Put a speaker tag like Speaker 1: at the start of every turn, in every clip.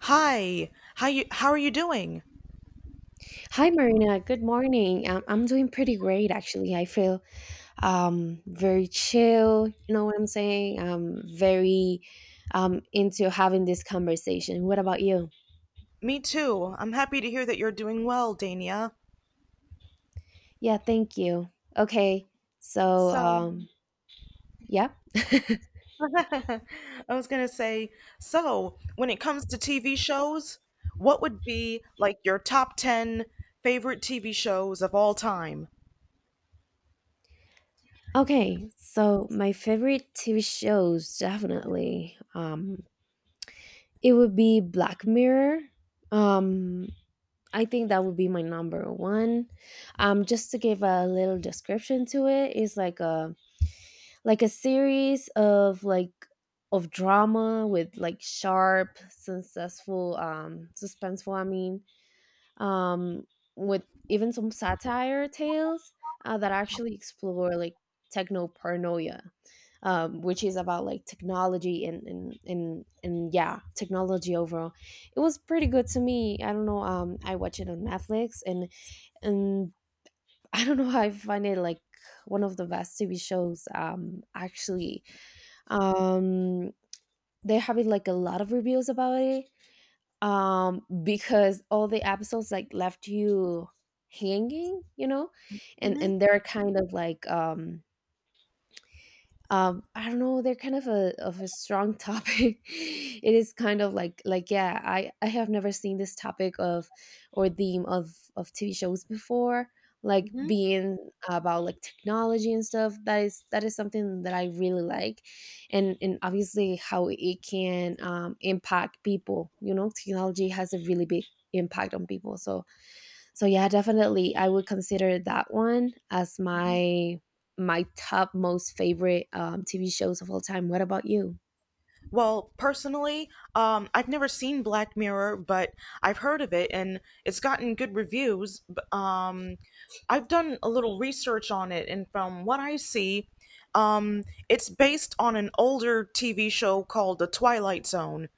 Speaker 1: Hi. How are you doing?
Speaker 2: Hi, Marina. Good morning. I'm doing pretty great, actually. I feel very chill. You know what I'm saying? I'm very into having this conversation. What about you?
Speaker 1: Me too. I'm happy to hear that you're doing well, Dania.
Speaker 2: Yeah, thank you. Okay. So,
Speaker 1: So,
Speaker 2: yeah.
Speaker 1: I was going to say, so when it comes to TV shows, what would be like your top 10 favorite TV shows of all time?
Speaker 2: Okay. So, my favorite TV shows, definitely. It would be Black Mirror. Um, I think that would be my number one. Just to give a little description to it, it's like a series of drama with like sharp, successful, suspenseful. I mean, um, with even some satire tales that actually explore like techno paranoia, which is about like technology and yeah, technology overall. It was pretty good to me. I don't know. I watch it on Netflix and I don't know. I find it like one of the best TV shows. Actually, um, they're having like a lot of reviews about it. Because all the episodes like left you hanging, and
Speaker 1: Mhm.
Speaker 2: and they're kind of like I don't know, they're kind of a strong topic. It is kind of like yeah, I have never seen this topic of or theme of TV shows before, like being about like technology and stuff. That is something that I really like. And obviously how it can impact people. You know, technology has a really big impact on people, so yeah, definitely I would consider that one as
Speaker 1: Mhm.
Speaker 2: my top most favorite TV shows of all time. What about you?
Speaker 1: Well, personally, I've never seen Black Mirror, but I've heard of it and it's gotten good reviews. I've done a little research on it, and from what I see, it's based on an older TV show called The Twilight Zone.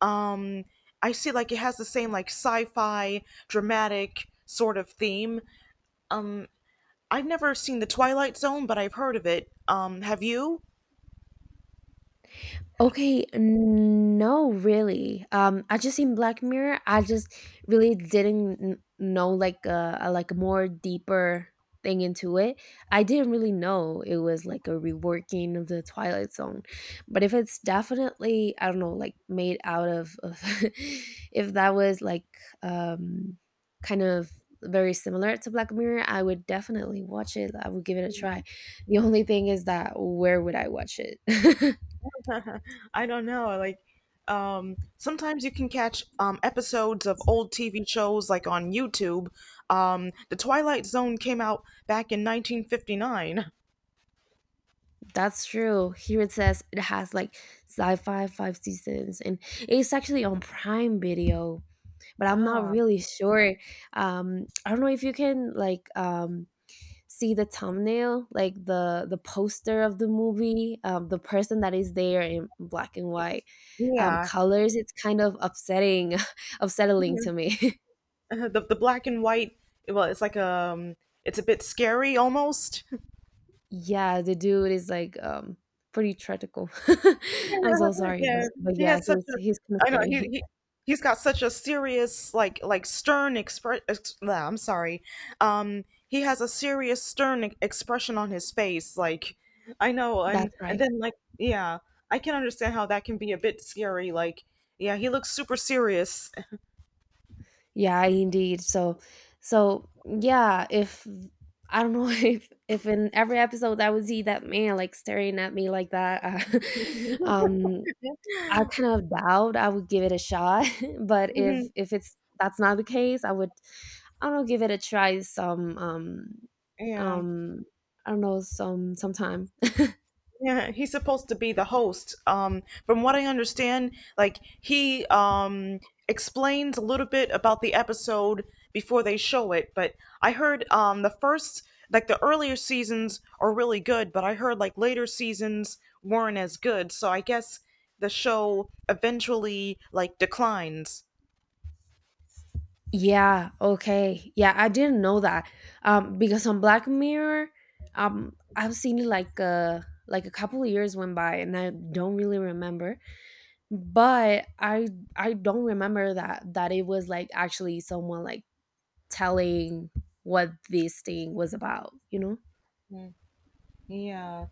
Speaker 1: Um, I see like it has the same like sci-fi dramatic sort of theme. I've never seen The Twilight Zone, but I've heard of it. Have you?
Speaker 2: Okay, no, really. I just seen Black Mirror. I just really didn't know like a more deeper thing into it. I didn't really know it was like a reworking of the Twilight Zone, but if it's definitely, I don't know, like made out of if that was like um kind of very similar to Black Mirror, I would definitely watch it. I would give it a try. The only thing is that, where would I watch it?
Speaker 1: I don't know. Sometimes you can catch episodes of old TV shows like on YouTube. The Twilight Zone came out back in 1959.
Speaker 2: That's true. Here it says it has like sci-fi, five seasons, and it's actually on Prime Video, but I'm not
Speaker 1: Ah,
Speaker 2: really sure. I don't know if you can like see the thumbnail, like the poster of the movie, the person that is there in black and white
Speaker 1: yeah.
Speaker 2: colors. It's kind of upsetting, upsetting to me.
Speaker 1: The black and white. Well, it's a bit scary almost.
Speaker 2: Yeah, the dude is like pretty tragical. I'm so
Speaker 1: Yeah,
Speaker 2: sorry,
Speaker 1: yeah.
Speaker 2: but
Speaker 1: He
Speaker 2: yeah,
Speaker 1: has such a.
Speaker 2: he's kind of
Speaker 1: I know he
Speaker 2: scary.
Speaker 1: he he's got such a serious like stern I'm sorry. He has a serious stern expression on his face. Like I know, and
Speaker 2: That's
Speaker 1: and
Speaker 2: right.
Speaker 1: then like yeah, I can understand how that can be a bit scary. Like yeah, he looks super serious.
Speaker 2: Yeah, indeed. So, yeah, if I don't know if in every episode I would see that man like staring at me like that, um, I kind of doubt I would give it a shot. But
Speaker 1: Mhm.
Speaker 2: if it's that's not the case, I would, I don't know, give it a try some
Speaker 1: Yeah.
Speaker 2: um I don't know, sometime.
Speaker 1: Yeah, he's supposed to be the host. From what I understand, like he explains a little bit about the episode before they show it, but I heard the first like the earlier seasons are really good, but I heard like later seasons weren't as good, so I guess the show eventually like declines.
Speaker 2: Yeah, okay. Yeah, I didn't know that. Because on Black Mirror, I've seen it like a couple of years went by and I don't really remember. But I don't remember that it was like actually someone like telling what this thing was about, you know?
Speaker 1: Yeah.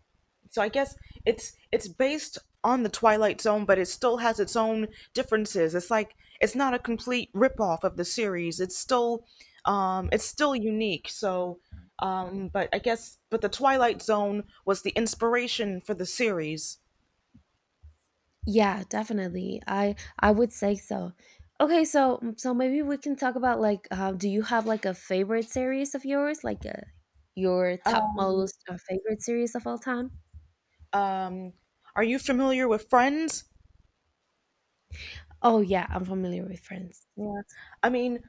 Speaker 1: So I guess it's based on the Twilight Zone, but it still has its own differences. It's like it's not a complete ripoff of the series. It's still unique. So, but I guess but the Twilight Zone was the inspiration for the series.
Speaker 2: Yeah, definitely. I would say so. Okay, so maybe we can talk about like do you have like a favorite series of yours, like your top
Speaker 1: Um,
Speaker 2: most favorite series of all time?
Speaker 1: um, are you familiar with Friends?
Speaker 2: Oh yeah, I'm familiar with Friends.
Speaker 1: Yeah. I mean,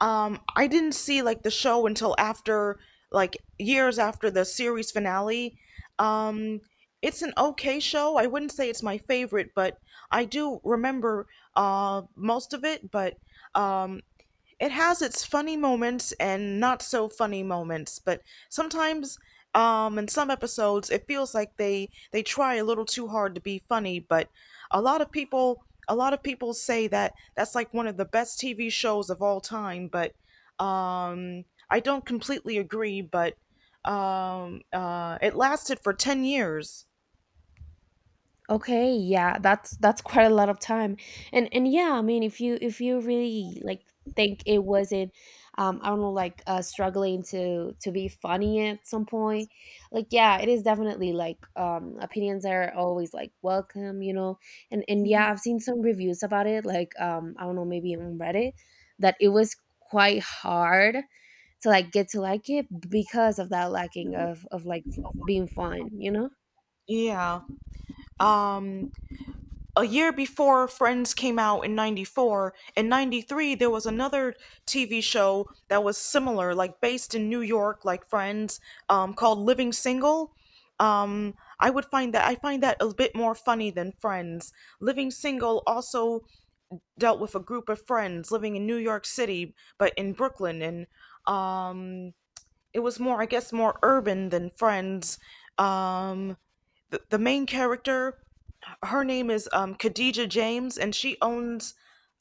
Speaker 1: I didn't see like the show until after like years after the series finale. Um, it's an okay show. I wouldn't say it's my favorite, but I do remember most of it, but um it has its funny moments and not so funny moments but sometimes in some episodes it feels like they try a little too hard to be funny but a lot of people say that that's like one of the best TV shows of all time but um I don't completely agree but it lasted for 10 years.
Speaker 2: Okay, yeah, that's quite a lot of time. And yeah, I mean if you really like think it wasn't I don't know like struggling to be funny at some point, like yeah, it is definitely like opinions are always like welcome, you know. And yeah, I've seen some reviews about it like I don't know, maybe on Reddit that it was quite hard to like get to like it because of that lacking of like being fun, you know?
Speaker 1: Yeah, um a year before Friends came out in 94, in 93 there was another TV show that was similar like based in New York like Friends called Living Single. I find that a bit more funny than Friends. Living Single also dealt with a group of friends living in New York City but in Brooklyn, and um it was more, I guess more urban than Friends. Um the main character, her name is Khadija James, and she owns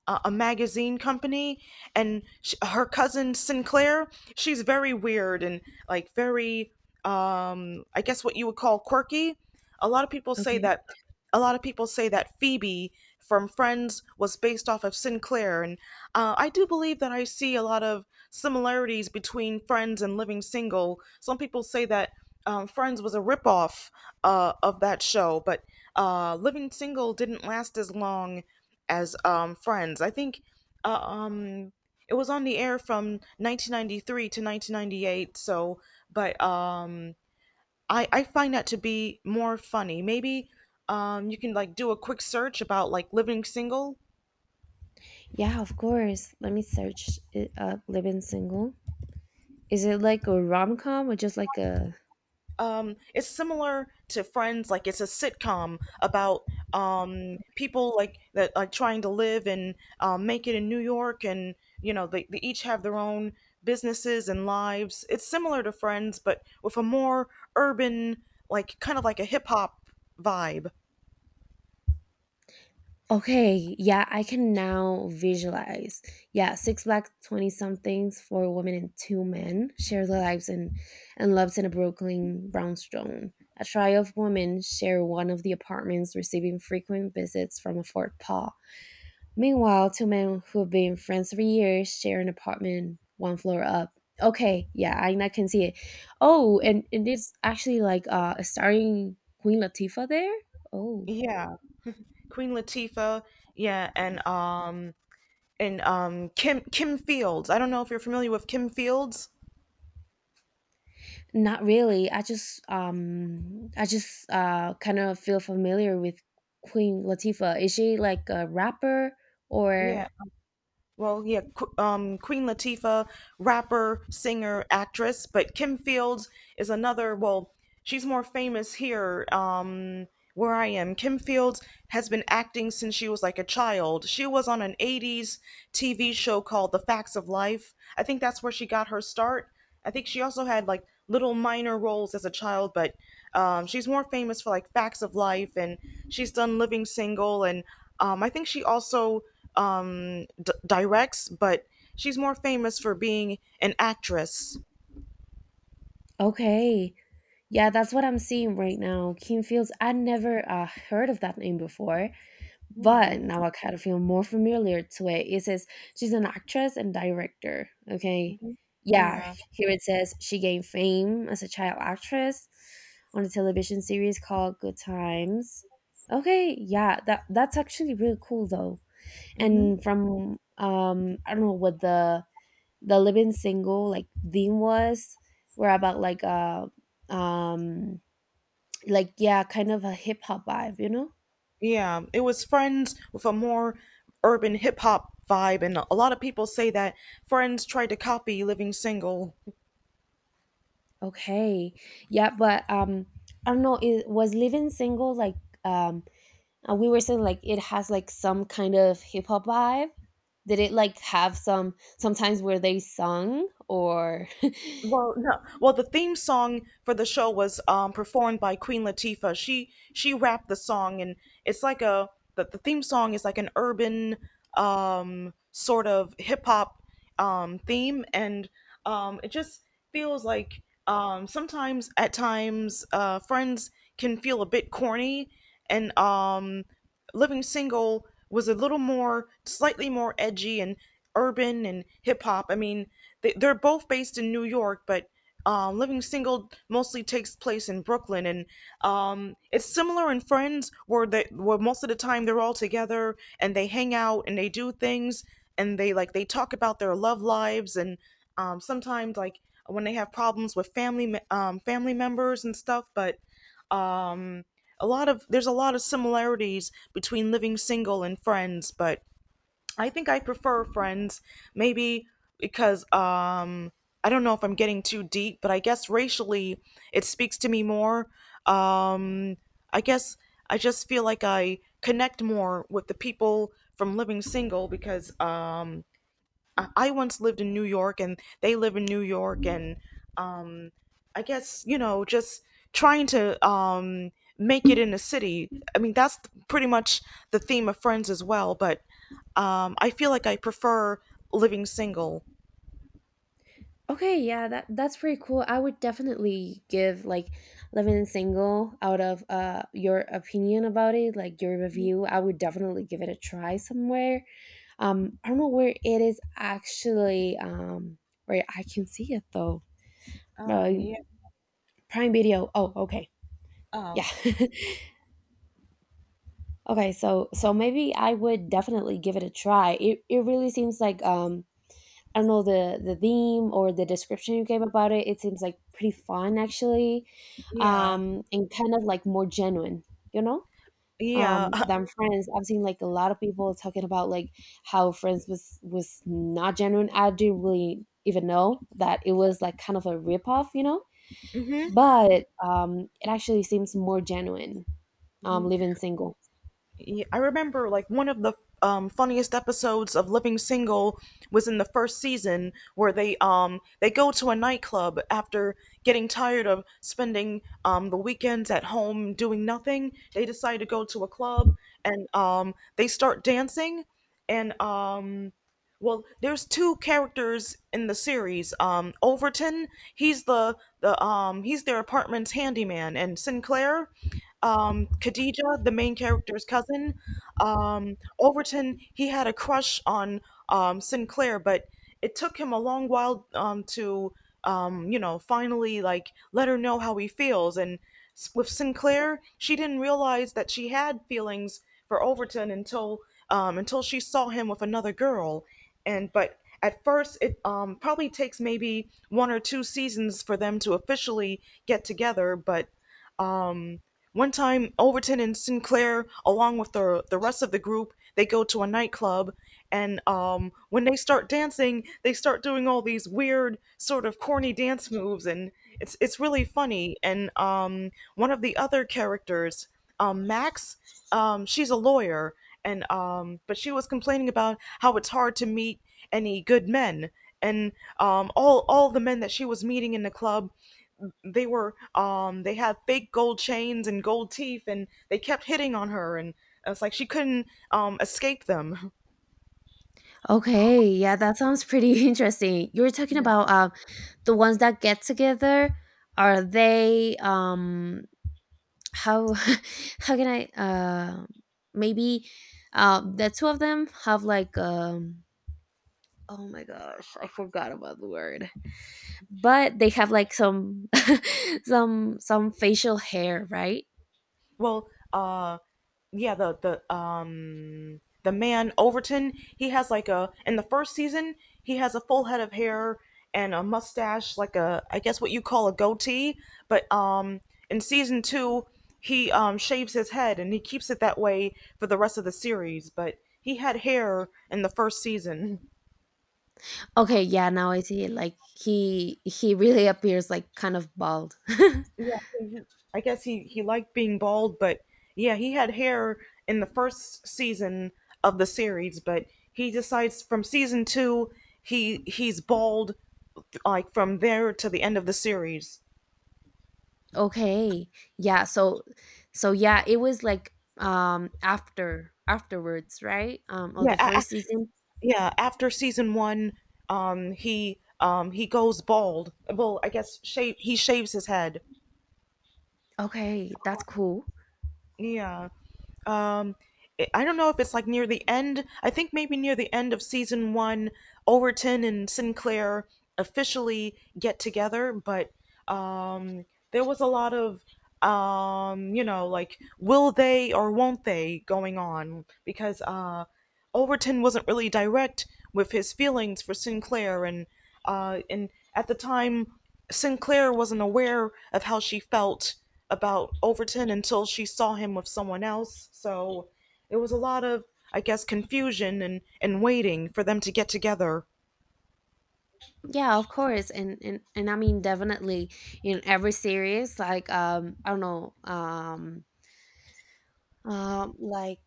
Speaker 1: a magazine company, and sh her cousin Sinclair. She's very weird and like very, I guess what you would call quirky. A lot of people say
Speaker 2: Okay.
Speaker 1: that. A lot of people say that Phoebe from Friends was based off of Sinclair, and I do believe that. I see a lot of similarities between Friends and Living Single. Some people say that Friends was a ripoff of that show, but Living Single didn't last as long as Friends. I think uh, um, it was on the air from 1993 to 1998. So, but I find that to be more funny. Maybe you can like do a quick search about like Living Single.
Speaker 2: Yeah, of course. Let me search it up. Living Single. Is it like a rom com or just like a?
Speaker 1: It's similar to Friends. Like it's a sitcom about people like that are trying to live and make it in New York, and you know they each have their own businesses and lives. It's similar to Friends but with a more urban like kind of like a hip-hop vibe.
Speaker 2: Okay, yeah, I can now visualize. Yeah, six black twenty somethings, four women and two men share their lives and loves in a Brooklyn brownstone. A trio of women share one of the apartments, receiving frequent visits from a fourth paw. Meanwhile, two men who've been friends for years share an apartment one floor up. Okay, yeah, I can see it. Oh, and it's actually like starring Queen Latifah there. Oh,
Speaker 1: Yeah, Queen Latifah. Yeah, and Kim Fields. I don't know if you're familiar with Kim Fields.
Speaker 2: not really. I just kind of feel familiar with Queen Latifah. Is she like a rapper or
Speaker 1: Yeah, well, yeah, Queen Latifah, rapper, singer, actress, but Kim Fields is another. Well, she's more famous here where I am. Kim Fields has been acting since she was like a child. She was on an '80s TV show called The Facts of Life. I think that's where she got her start. I think she also had like little minor roles as a child, but she's more famous for like Facts of Life, and she's done Living Single, and I think she also directs, but she's more famous for being an actress.
Speaker 2: okay? Yeah, that's what I'm seeing right now. Kim Fields. I never heard of that name before.
Speaker 1: Mm-hmm.
Speaker 2: But now I kind of feel more familiar to it. It says she's an actress and director. Okay. Yeah,
Speaker 1: Yeah,
Speaker 2: here it says she gained fame as a child actress on a television series called Good Times. Okay, yeah, that's actually really cool though.
Speaker 1: hmm.
Speaker 2: And from I don't know what the Living Single like theme was were about um like yeah, kind of a hip hop vibe, you know?
Speaker 1: Yeah. It was Friends with a more urban hip hop vibe, and a lot of people say that Friends tried to copy Living Single.
Speaker 2: Okay. Yeah, but I don't know, it was Living Single like um we were saying like it has like some kind of hip hop vibe. Did it like have sometimes where they sung or
Speaker 1: Well, no. Well, the theme song for the show was performed by Queen Latifah. She rapped the song, and it's like a the theme song is like an urban sort of hip hop theme, and it just feels like sometimes at times Friends can feel a bit corny, and Living Single was a little more, slightly more edgy and urban and hip hop. I mean, they're both based in New York, but Living Single mostly takes place in Brooklyn, and it's similar in Friends, where where most of the time they're all together and they hang out and they do things and they talk about their love lives and sometimes like when they have problems with family members and stuff, but um, a lot of there's a lot of similarities between Living Single and Friends, but I think I prefer Friends maybe because I don't know if I'm getting too deep, but I guess racially it speaks to me more. Um I guess I just feel like I connect more with the people from Living Single because I once lived in New York and they live in New York, and I guess, you know, just trying to make it in the city. I mean, that's pretty much the theme of Friends as well, but I feel like I prefer Living Single.
Speaker 2: okay, yeah, that's pretty cool. I would definitely give like Living Single out of your opinion about it, like your review. I would definitely give it a try somewhere. I don't know where it is actually where I can see it though.
Speaker 1: Oh
Speaker 2: Uh,
Speaker 1: yeah.
Speaker 2: Prime Video. Oh, okay. Yeah.
Speaker 1: Oh
Speaker 2: Okay, so maybe I would definitely give it a try. It really seems like I don't know, the theme or the description you gave about it. It seems like pretty fun, actually.
Speaker 1: yeah.
Speaker 2: And kind of like more genuine, you know?
Speaker 1: Yeah.
Speaker 2: Than Friends. I've seen like a lot of people talking about like how Friends was not genuine. I didn't really even know that it was like kind of a ripoff, you know?
Speaker 1: Mhm.
Speaker 2: But it actually seems more genuine Living Single.
Speaker 1: Yeah, I remember like one of the funniest episodes of Living Single was in the first season where they go to a nightclub after getting tired of spending the weekends at home doing nothing. They decide to go to a club and they start dancing, and well, there's two characters in the series, Overton. He's the he's their apartment's handyman, and Sinclair, Khadija, the main character's cousin. Overton, he had a crush on Sinclair, but it took him a long while you know, finally like let her know how he feels. And with Sinclair, she didn't realize that she had feelings for Overton until she saw him with another girl. And but at first, it probably takes maybe one or two seasons for them to officially get together. But one time, Overton and Sinclair, along with the rest of the group, they go to a nightclub, and when they start dancing, they start doing all these weird, sort of corny dance moves, and it's really funny. And one of the other characters, Max, she's a lawyer, and but she was complaining about how it's hard to meet any good men, and all the men that she was meeting in the club, they were they had fake gold chains and gold teeth and they kept hitting on her, and it's like she couldn't escape them.
Speaker 2: Okay, yeah, that sounds pretty interesting. You were talking about the ones that get together. Are they how how can I maybe the two of them have like oh my gosh, I forgot about the word, but they have like some some facial hair, right?
Speaker 1: Well, uh yeah, the man Overton, he has like a in the first season, he has a full head of hair and a mustache, like a, I guess what you call a goatee, but in season 2, he shaves his head and he keeps it that way for the rest of the series, but he had hair in the first season.
Speaker 2: Okay, yeah, now I see it like he really appears like kind of bald.
Speaker 1: Yeah, he, he- I guess he liked being bald, but yeah, he had hair in the first season of the series, but he decides from season 2 he he's bald like from there to the end of the series.
Speaker 2: Okay. Yeah, so yeah, it was like, afterwards, right? Of
Speaker 1: Yeah,
Speaker 2: the first season?
Speaker 1: yeah. After season 1, he goes bald. Well, I guess shave he shaves his head.
Speaker 2: Okay, that's cool.
Speaker 1: Yeah. um I don't know if it's like near the end. I think maybe near the end of season one, Overton and Sinclair officially get together, but um, there was a lot of, like, will they or won't they going on because Overton wasn't really direct with his feelings for Sinclair, and at the time, Sinclair wasn't aware of how she felt about Overton until she saw him with someone else. So it was a lot of, I guess, confusion and waiting for them to get together.
Speaker 2: Yeah, of course. And I mean, definitely in every series, like, I don't know, like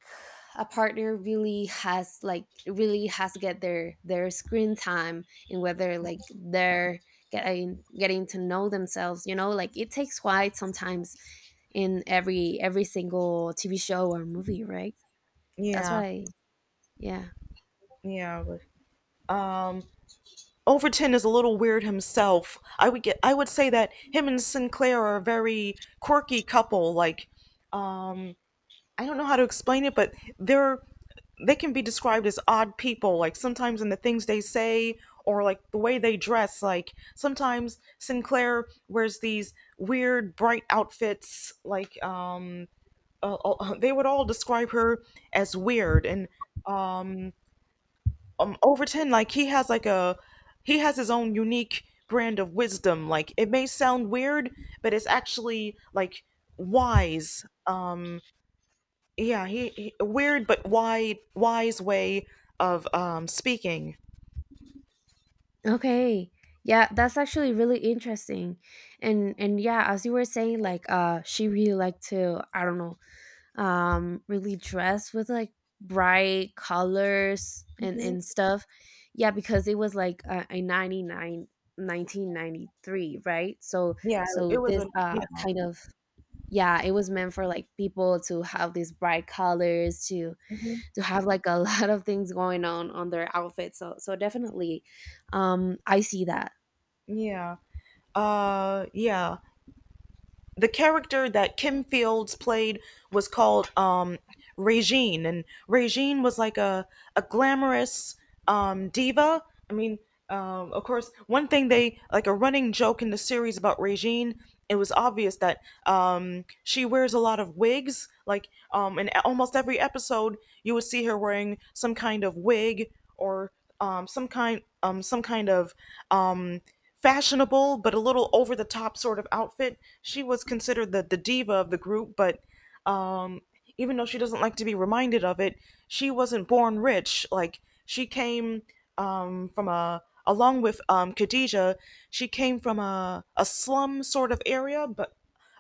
Speaker 2: a partner really has like really has to get their screen time and whether like they're getting to know themselves, you know, like it takes quite sometimes in every single TV show or movie, right? That's what
Speaker 1: Yeah,
Speaker 2: I, yeah.
Speaker 1: yeah. Overton is a little weird himself. I would say that him and Sinclair are a very quirky couple. Like I don't know how to explain it, but they can be described as odd people. Like sometimes in the things they say or like the way they dress. Like sometimes Sinclair wears these weird bright outfits. Like they would all describe her as weird. And um, Overton, like he has his own unique brand of wisdom. Like it may sound weird, but it's actually like wise. Yeah he weird but wide wise way of speaking.
Speaker 2: Okay, yeah, that's actually really interesting. And yeah, as you were saying like she really liked to, I don't know, really dressed with like bright colors and
Speaker 1: Hmm.
Speaker 2: and stuff. Yeah, because it was like 1993, right? so
Speaker 1: Yeah, it
Speaker 2: so
Speaker 1: was
Speaker 2: this
Speaker 1: a yeah.
Speaker 2: kind of yeah, it was meant for like people to have these bright colors to
Speaker 1: Hmm.
Speaker 2: to have like a lot of things going on their outfits, so definitely I see that.
Speaker 1: Yeah, yeah, the character that Kim Fields played was called Regine, and Regine was like a glamorous diva. I mean, of course, one thing they like a running joke in the series about Regine. It was obvious that she wears a lot of wigs. Like in almost every episode, you would see her wearing some kind of wig or some kind of um, fashionable but a little over the top sort of outfit. She was considered the diva of the group, but um, even though she doesn't like to be reminded of it, she wasn't born rich. Like she came from a, along with Khadija, she came from a slum sort of area, but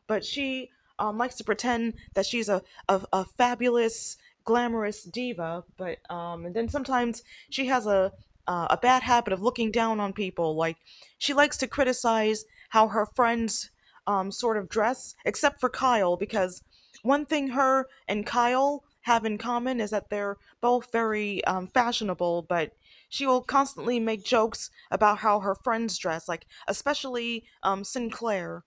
Speaker 1: she likes to pretend that she's a fabulous, glamorous diva. But and then sometimes she has a bad habit of looking down on people. Like she likes to criticize how her friends sort of dress, except for Kyle, because one thing her and Kyle have in common is that they're both very fashionable, but she will constantly make jokes about how her friends dress, like especially Sinclair.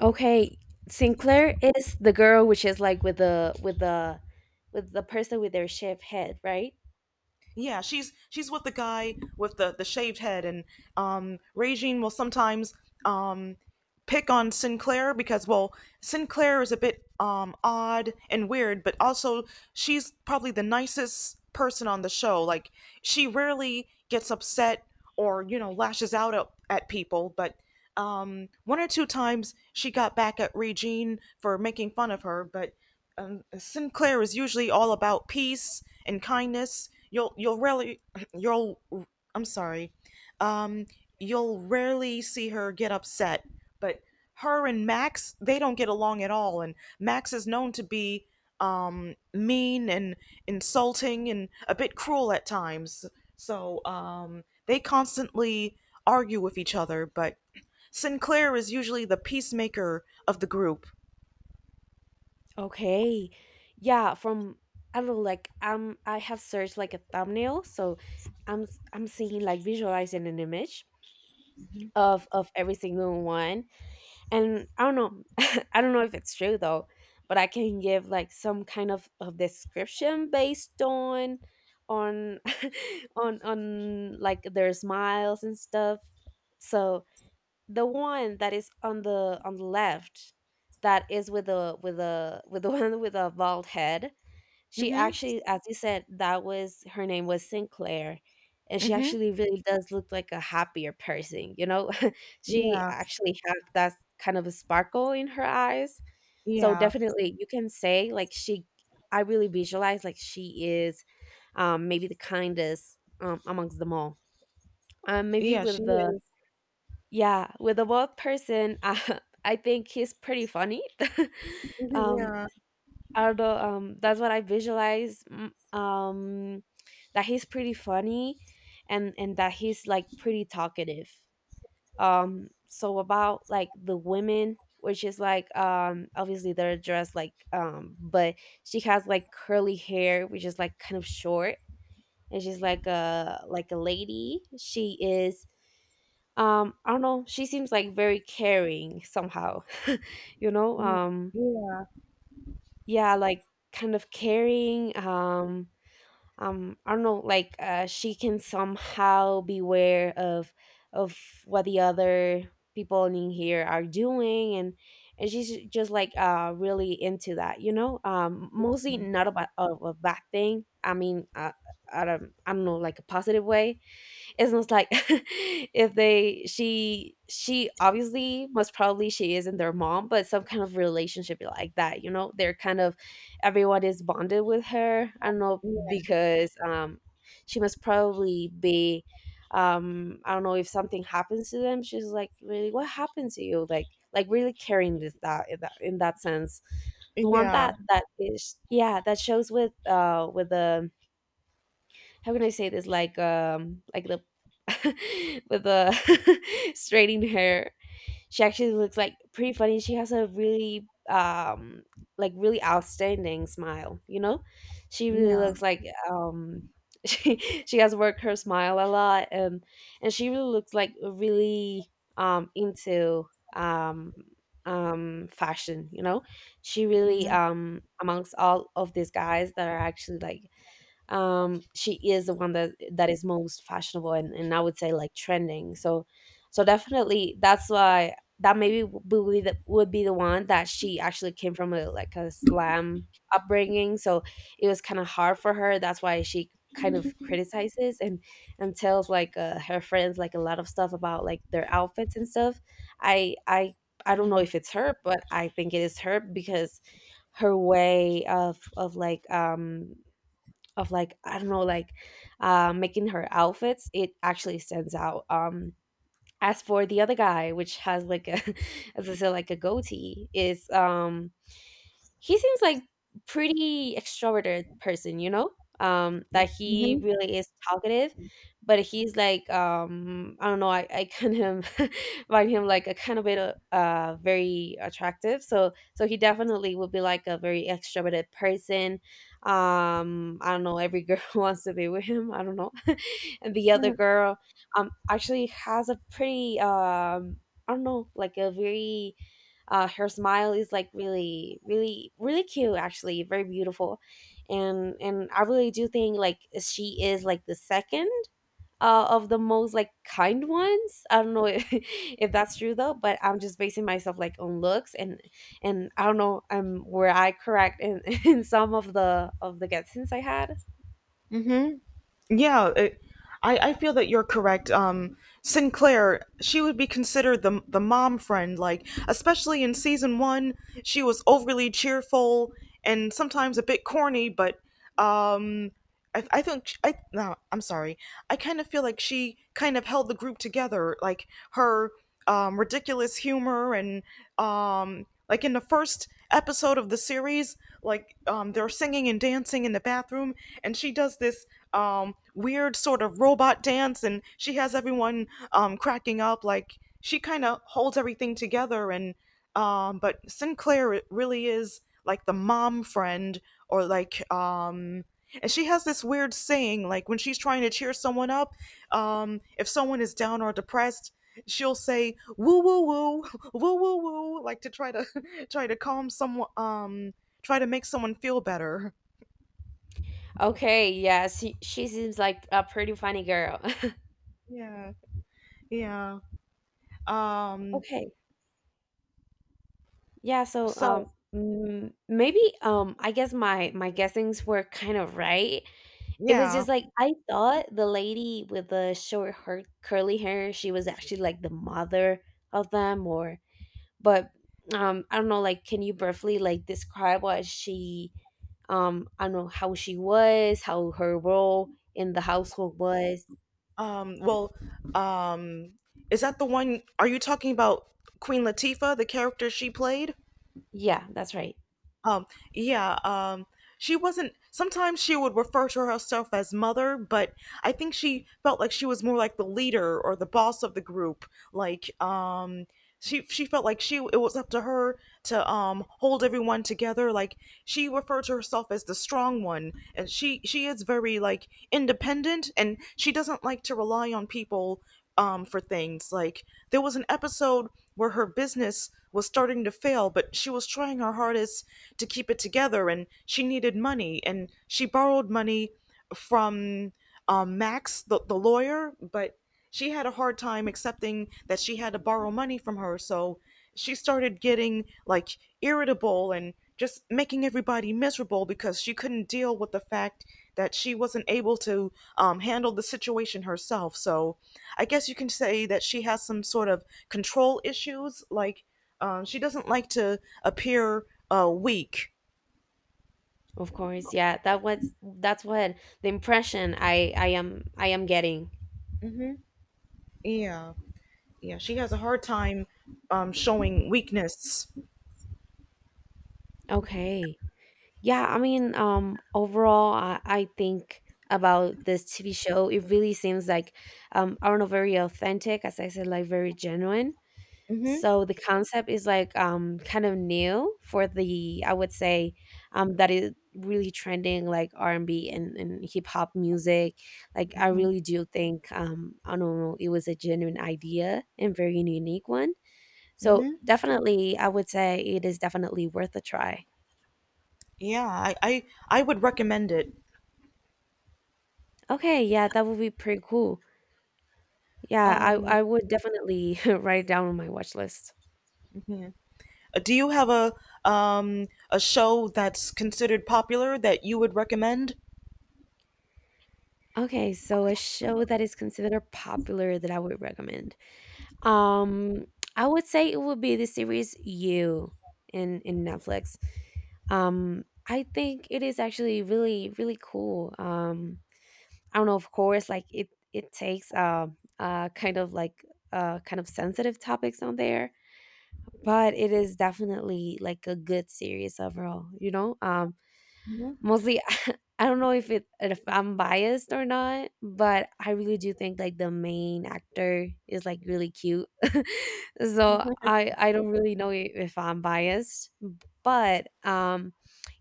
Speaker 2: Okay, Sinclair is the girl which is like with the with the with the person with their shaved head, right?
Speaker 1: Yeah, she's with the guy with the shaved head, and Regine will sometimes um pick on Sinclair because well, Sinclair is a bit odd and weird, but also she's probably the nicest person on the show. Like she rarely gets upset or you know lashes out at people, but one or two times she got back at Regine for making fun of her, but Sinclair is usually all about peace and kindness. You'll rarely you'll I'm sorry, um, you'll rarely see her get upset. But her and Max, they don't get along at all, and Max is known to be mean and insulting and a bit cruel at times. So they constantly argue with each other, but Sinclair is usually the peacemaker of the group.
Speaker 2: Okay. Yeah, from I don't know, like I have searched like a thumbnail, so I'm seeing like visualizing an image of every single one. And I don't know I don't know if it's true though, but I can give like some kind of description based on on like their smiles and stuff. So the one that is on the left that is with the one with a bald head, she
Speaker 1: Mm-hmm.
Speaker 2: actually, as you said, that was her name was Sinclair. And she
Speaker 1: Mm-hmm.
Speaker 2: actually really does look like a happier person, you know? She
Speaker 1: Yeah.
Speaker 2: actually had that kind of a sparkle in her eyes, so
Speaker 1: Yeah,
Speaker 2: definitely you can say like she I really visualize like she is maybe the kindest amongst them all, maybe
Speaker 1: yeah, she
Speaker 2: with the
Speaker 1: is.
Speaker 2: yeah, with the bald person, I think he's pretty funny.
Speaker 1: Mhm.
Speaker 2: um,
Speaker 1: Yeah,
Speaker 2: although that's what I visualize. That he's pretty funny, and that he's like pretty talkative. So about like the women, which is like obviously they're dressed like but she has like curly hair, which is like kind of short, and she's like a lady. She is I don't know, she seems like very caring somehow, you know
Speaker 1: mhm,
Speaker 2: um
Speaker 1: yeah,
Speaker 2: yeah, like kind of caring. I don't know, like she can somehow beware of what the other people in here are doing, and she's just like really into that, mostly not about a, ba- a bad thing. I mean, I don't know, like a positive way. It's almost like if they she obviously, most probably she isn't their mom, but some kind of relationship like that, you know? They're kind of, everyone is bonded with her. I don't know
Speaker 1: yeah,
Speaker 2: because she must probably be I don't know, if something happens to them, she's like, really, what happened to you? Like really caring with that, in that sense. The one
Speaker 1: yeah,
Speaker 2: that that is, yeah, that shows with the, how can I say this? Like the with the straightened hair. She actually looks like pretty funny. She has a really like really outstanding smile, you know? She really
Speaker 1: yeah.
Speaker 2: looks like um she she has worked her smile a lot, and she really looks like really into um fashion, you know? She really
Speaker 1: Mhm,
Speaker 2: amongst all of these guys that are actually like she is the one that that is most fashionable, and I would say like trending, so so definitely that's why, that maybe would be would be the one. That she actually came from a slam upbringing, so it was kind of hard for her. That's why she kind of criticizes and tells, like, her friends like a lot of stuff about like their outfits and stuff. i i I don't know if it's her, but I think it is her because her way of like of like, I don't know, like making her outfits, it actually stands out. As for the other guy, which has like a, as I said, like a goatee, is he seems like pretty extroverted person, you know? That he
Speaker 1: mhm,
Speaker 2: really is talkative, but he's like, I don't know, I kind of find him like a kind of bit very attractive, so so he definitely would be like a very extroverted person. I don't know, every girl wants to be with him, I don't know. And the other
Speaker 1: mhm,
Speaker 2: girl actually has a pretty I don't know, like a very her smile is like really, really, really cute. Actually, very beautiful, and I really do think like she is like the second of the most like kind ones. I don't know if, if that's true though, but I'm just basing myself like on looks. And I don't know, were I correct in, in some of the guesses I had?
Speaker 1: mhm. Yeah, I feel that you're correct. Sinclair, she would be considered the mom friend, like especially in season one, she was overly cheerful and sometimes a bit corny, but um I think sh I no, I'm sorry. I kind of feel like she kind of held the group together, like her ridiculous humor and like in the first episode of the series, like they're singing and dancing in the bathroom, and she does this weird sort of robot dance, and she has everyone cracking up. Like she kind of holds everything together, and but Sinclair really is like the mom friend or like and she has this weird saying, like when she's trying to cheer someone up, if someone is down or depressed, she'll say woo woo woo woo woo woo, like to try to try to calm someone, try to make someone feel better.
Speaker 2: Okay, yeah, she seems like a pretty funny girl.
Speaker 1: Yeah, yeah. Um,
Speaker 2: Okay. Yeah, so
Speaker 1: so
Speaker 2: maybe I guess my my guessings were kind of right. It was
Speaker 1: yeah.
Speaker 2: just like I thought the lady with the short, her curly hair, she was actually like the mother of them, or but I don't know, like, can you briefly like describe what she, I don't know, how she was, how her role in the household was?
Speaker 1: Well, um, is that the one? Are you talking about Queen Latifah, the character she played?
Speaker 2: Yeah, that's right.
Speaker 1: Um, yeah, she wasn't, sometimes she would refer to herself as mother, but I think she felt like she was more like the leader or the boss of the group. Like, she felt like it was up to her to hold everyone together. Like she referred to herself as the strong one and she is very like independent and she doesn't like to rely on people for things. Like there was an episode where her business was starting to fail, but she was trying her hardest to keep it together, and she needed money, and she borrowed money from Max, the lawyer, but she had a hard time accepting that she had to borrow money from her. So she started getting like irritable and just making everybody miserable because she couldn't deal with the fact that she wasn't able to handle the situation herself. So I guess you can say that she has some sort of control issues. Like she doesn't like to appear weak.
Speaker 2: Of course. Yeah, that was, that's what the impression I am, I am getting.
Speaker 1: Yeah. Yeah. She has a hard time showing weakness.
Speaker 2: Okay. Yeah, I mean, overall, I think about this TV show, it really seems like, I don't know, very authentic, as I said, like very genuine.
Speaker 1: Hmm.
Speaker 2: So the concept is like kind of new for the, I would say, that is really trending like R and B and hip hop music. Like I really do think, I don't know, it was a genuine idea and very unique one. So definitely, I would say it is definitely worth a try.
Speaker 1: Yeah, I would recommend it.
Speaker 2: Okay, yeah, that would be pretty cool. Yeah,
Speaker 1: Um,
Speaker 2: I would definitely write it down on my watch list.
Speaker 1: yeah. Do you have a show that's considered popular that you would recommend?
Speaker 2: Okay, so a show that is considered popular that I would recommend. Um, I would say it would be the series You, in Netflix. I think it is actually really really cool. I don't know, of course, like it takes kind of like kind of sensitive topics on there, but it is definitely like a good series overall, you know? Mostly I don't know if it, if I'm biased or not, but I really do think like the main actor is like really cute. So I don't really know if I'm biased, but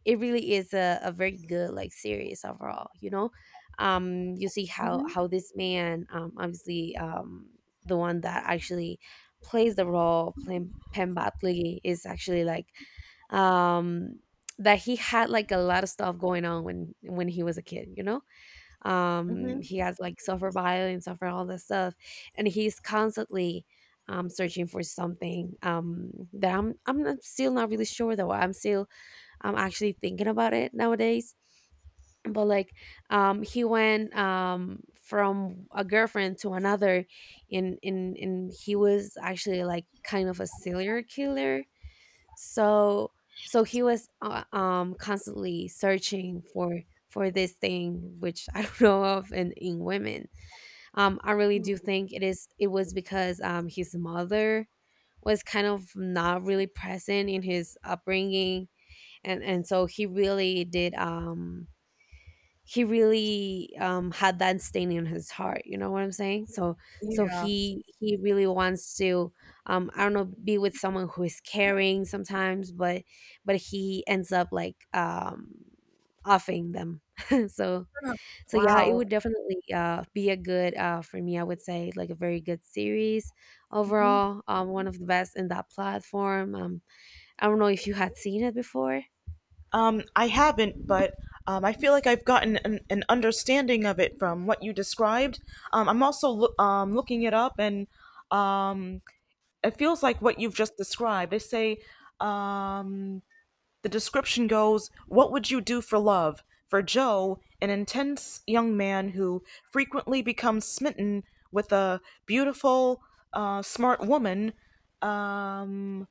Speaker 2: it really is a very good like series overall, you know? You see how this man, obviously, the one that actually plays the role Pem Batley is actually like um that he had like a lot of stuff going on when he was a kid, you know?
Speaker 1: Hmm.
Speaker 2: He has like suffered violence, suffered all this stuff, and he's constantly searching for something, that I'm not, still not really sure though. I'm still, I'm actually thinking about it nowadays, but like he went from a girlfriend to another, and he was actually like kind of a serial killer. So so he was constantly searching for this thing which I don't know of, in women. I really do think it is, it was because his mother was kind of not really present in his upbringing, and so he really did he really had that stain in his heart. You know what I'm saying? So so
Speaker 1: Yeah.
Speaker 2: he really wants to I don't know, be with someone who is caring sometimes, but he ends up like offing them. So so yeah, it
Speaker 1: Wow.
Speaker 2: would definitely be a good, for me, I would say like a very good series
Speaker 1: Hmm.
Speaker 2: overall. One of the best in that platform. I don't know if you had seen it before.
Speaker 1: I haven't, but I feel like I've gotten an understanding of it from what you described. I'm also looking it up, and um, it feels like what you've just described. They say um the description goes, what would you do for love? For Joe, an intense young man who frequently becomes smitten with a beautiful, smart woman, um,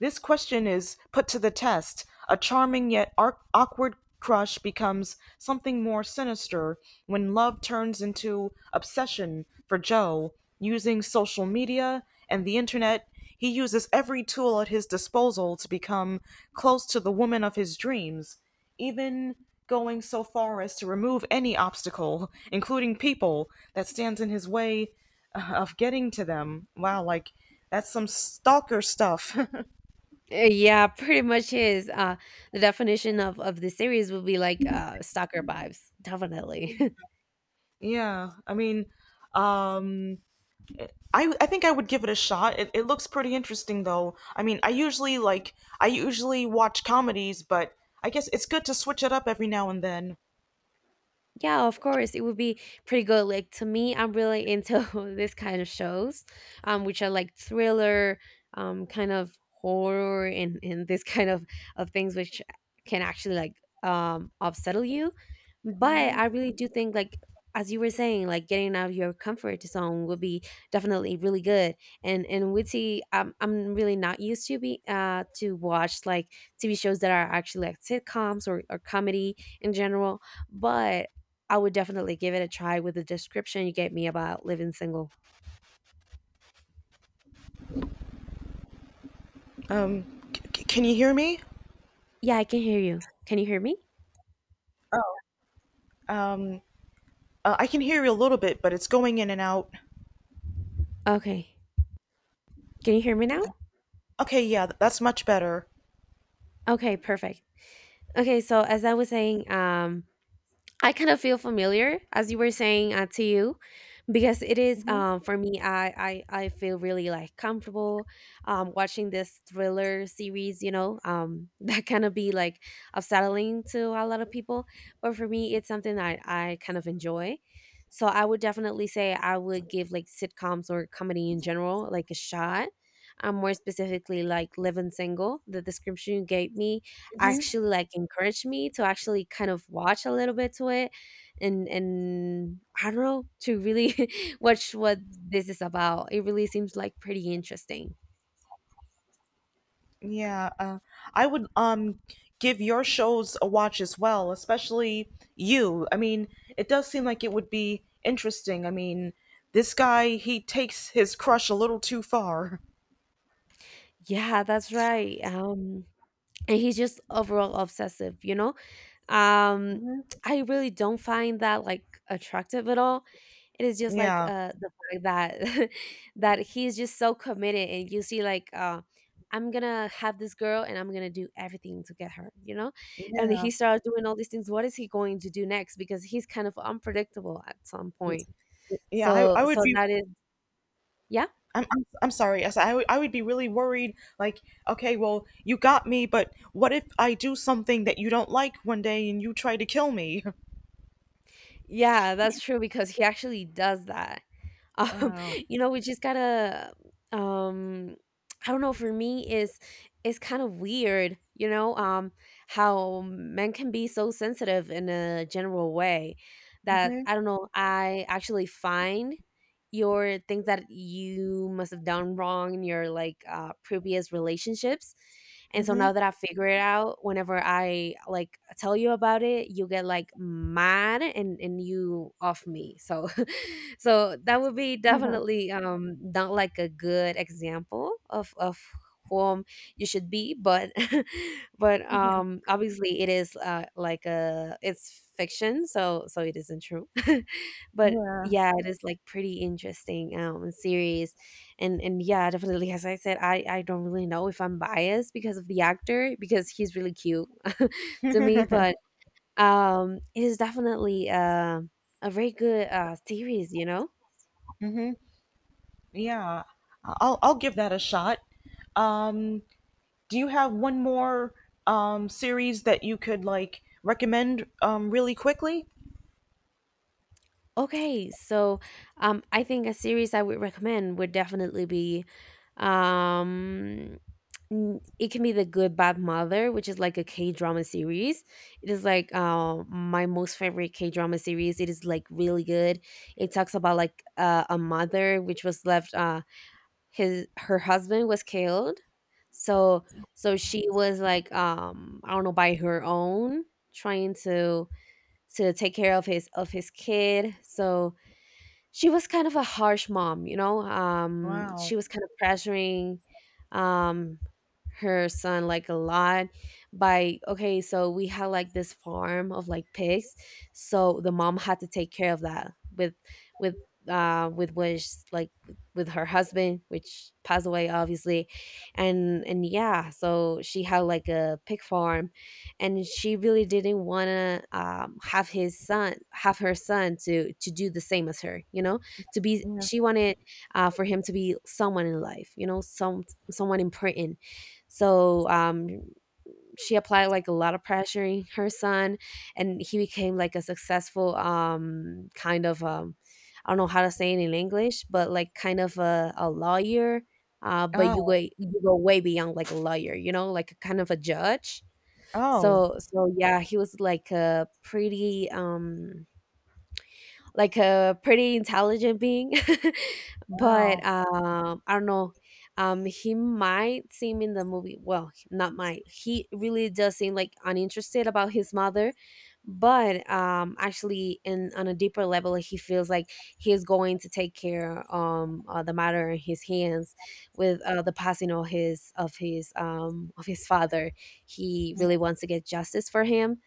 Speaker 1: this question is put to the test. A charming yet awkward crush becomes something more sinister when love turns into obsession for Joe. Using social media and the internet, he uses every tool at his disposal to become close to the woman of his dreams, even going so far as to remove any obstacle, including people, that stands in his way of getting to them. Wow, like that's some stalker stuff.
Speaker 2: Yeah, pretty much is. The definition of the series would be like, stalker vibes, definitely.
Speaker 1: Yeah, I mean, um, I think I would give it a shot. It looks pretty interesting though. I mean, I usually watch comedies, but I guess it's good to switch it up every now and then.
Speaker 2: Yeah, of course. It would be pretty good. Like, to me, I'm really into this kind of shows, which are like thriller, kind of horror, and this kind of things which can actually like upsettle you. But I really do think like, as you were saying, like getting out of your comfort zone would be definitely really good. And we witty, I'm really not used to be, to watch like TV shows that are actually like sitcoms, or comedy in general, but I would definitely give it a try with the description you gave me about Living Single.
Speaker 1: Can you hear me?
Speaker 2: Yeah, I can hear you. Can you hear me?
Speaker 1: Oh, um, I can hear you a little bit, but it's going in and out.
Speaker 2: Okay. Can you hear me now?
Speaker 1: Okay, yeah, that's much better.
Speaker 2: Okay, perfect. Okay, so as I was saying, I kind of feel familiar as you were saying, to you, because it is, for me, I feel really like comfortable, watching this thriller series, you know? That kind of be like upsetting to a lot of people, but for me it's something that I kind of enjoy. So I would definitely say, I would give like sitcoms or comedy in general like a shot, more specifically like Living Single. The description you gave me
Speaker 1: Mhm.
Speaker 2: actually like encouraged me to actually kind of watch a little bit to it, and I don't know, to really watch what this is about. It really seems like pretty interesting.
Speaker 1: Yeah, I would give your shows a watch as well, especially You. I mean, it does seem like it would be interesting. I mean, this guy, he takes his crush a little too far.
Speaker 2: Yeah, that's right. And he's just overall obsessive, you know? Um,
Speaker 1: Mhm.
Speaker 2: I really don't find that like attractive at all. It is just like
Speaker 1: Yeah,
Speaker 2: the fact that that he's just so committed, and you see like I'm gonna have this girl and I'm gonna do everything to get her, you know? And
Speaker 1: yeah,
Speaker 2: he starts doing all these things. What is he going to do next? Because he's kind of unpredictable at some point.
Speaker 1: yeah.
Speaker 2: So
Speaker 1: I would
Speaker 2: so
Speaker 1: be.
Speaker 2: that is, yeah.
Speaker 1: I'm sorry. Yes, I would be really worried. Like, okay, well, you got me, but what if I do something that you don't like one day and you try to kill me?
Speaker 2: Yeah, that's true because he actually does that. Um,
Speaker 1: Oh.
Speaker 2: you know, we just gotta, um, I don't know, for me is, it's kind of weird, you know? How men can be so sensitive in a general way. That
Speaker 1: Mhm.
Speaker 2: I don't know, I actually find your things that you must have done wrong in your like, previous relationships, and so
Speaker 1: Mhm.
Speaker 2: now that I figure it out, whenever I like tell you about it, you get like mad and you off me. So so that would be definitely not like a good example of whom you should be. But but obviously it is, like a, it's fiction, so so it isn't true. But
Speaker 1: Yeah.
Speaker 2: yeah, it is like pretty interesting series. And yeah, definitely, as I said, I don't really know if I'm biased because of the actor, because he's really cute. To me, but it is definitely, a very good, series, you know.
Speaker 1: Mhm. Yeah, I'll give that a shot. Um, do you have one more series that you could like recommend really quickly?
Speaker 2: Okay, so I think a series I would recommend would definitely be, um, it can be The Good Bad Mother, which is like a K drama series. It is like, my most favorite K drama series. It is like really good. It talks about like, a mother which was left. His, her husband was killed, so so she was like, I don't know, by her own, trying to take care of his kid. So she was kind of a harsh mom, you know.
Speaker 1: Wow.
Speaker 2: She was kind of pressuring um, her son like a lot, by, okay, so we had like this farm of like pigs, so the mom had to take care of that with, with with which like with her husband, which passed away obviously. And yeah, so she had like a pig farm, and she really didn't want to, have his son have her son to do the same as her, you know, to be,
Speaker 1: Yeah.
Speaker 2: she wanted, for him to be someone in life, you know, some, someone important. So she applied like a lot of pressure in her son, and he became like a successful, kind of, I don't know how to say it in English, but like kind of a lawyer, but you go,
Speaker 1: Oh,
Speaker 2: you go way beyond like a lawyer, you know, like a kind of a judge.
Speaker 1: oh,
Speaker 2: So so yeah, he was like a pretty intelligent being. But
Speaker 1: wow.
Speaker 2: I don't know. He might seem in the movie, well, not might. He really does seem like uninterested about his mother, but actually, in on a deeper level, he feels like he is going to take care the matter in his hands with, the passing of his of his father. He really wants to get justice for him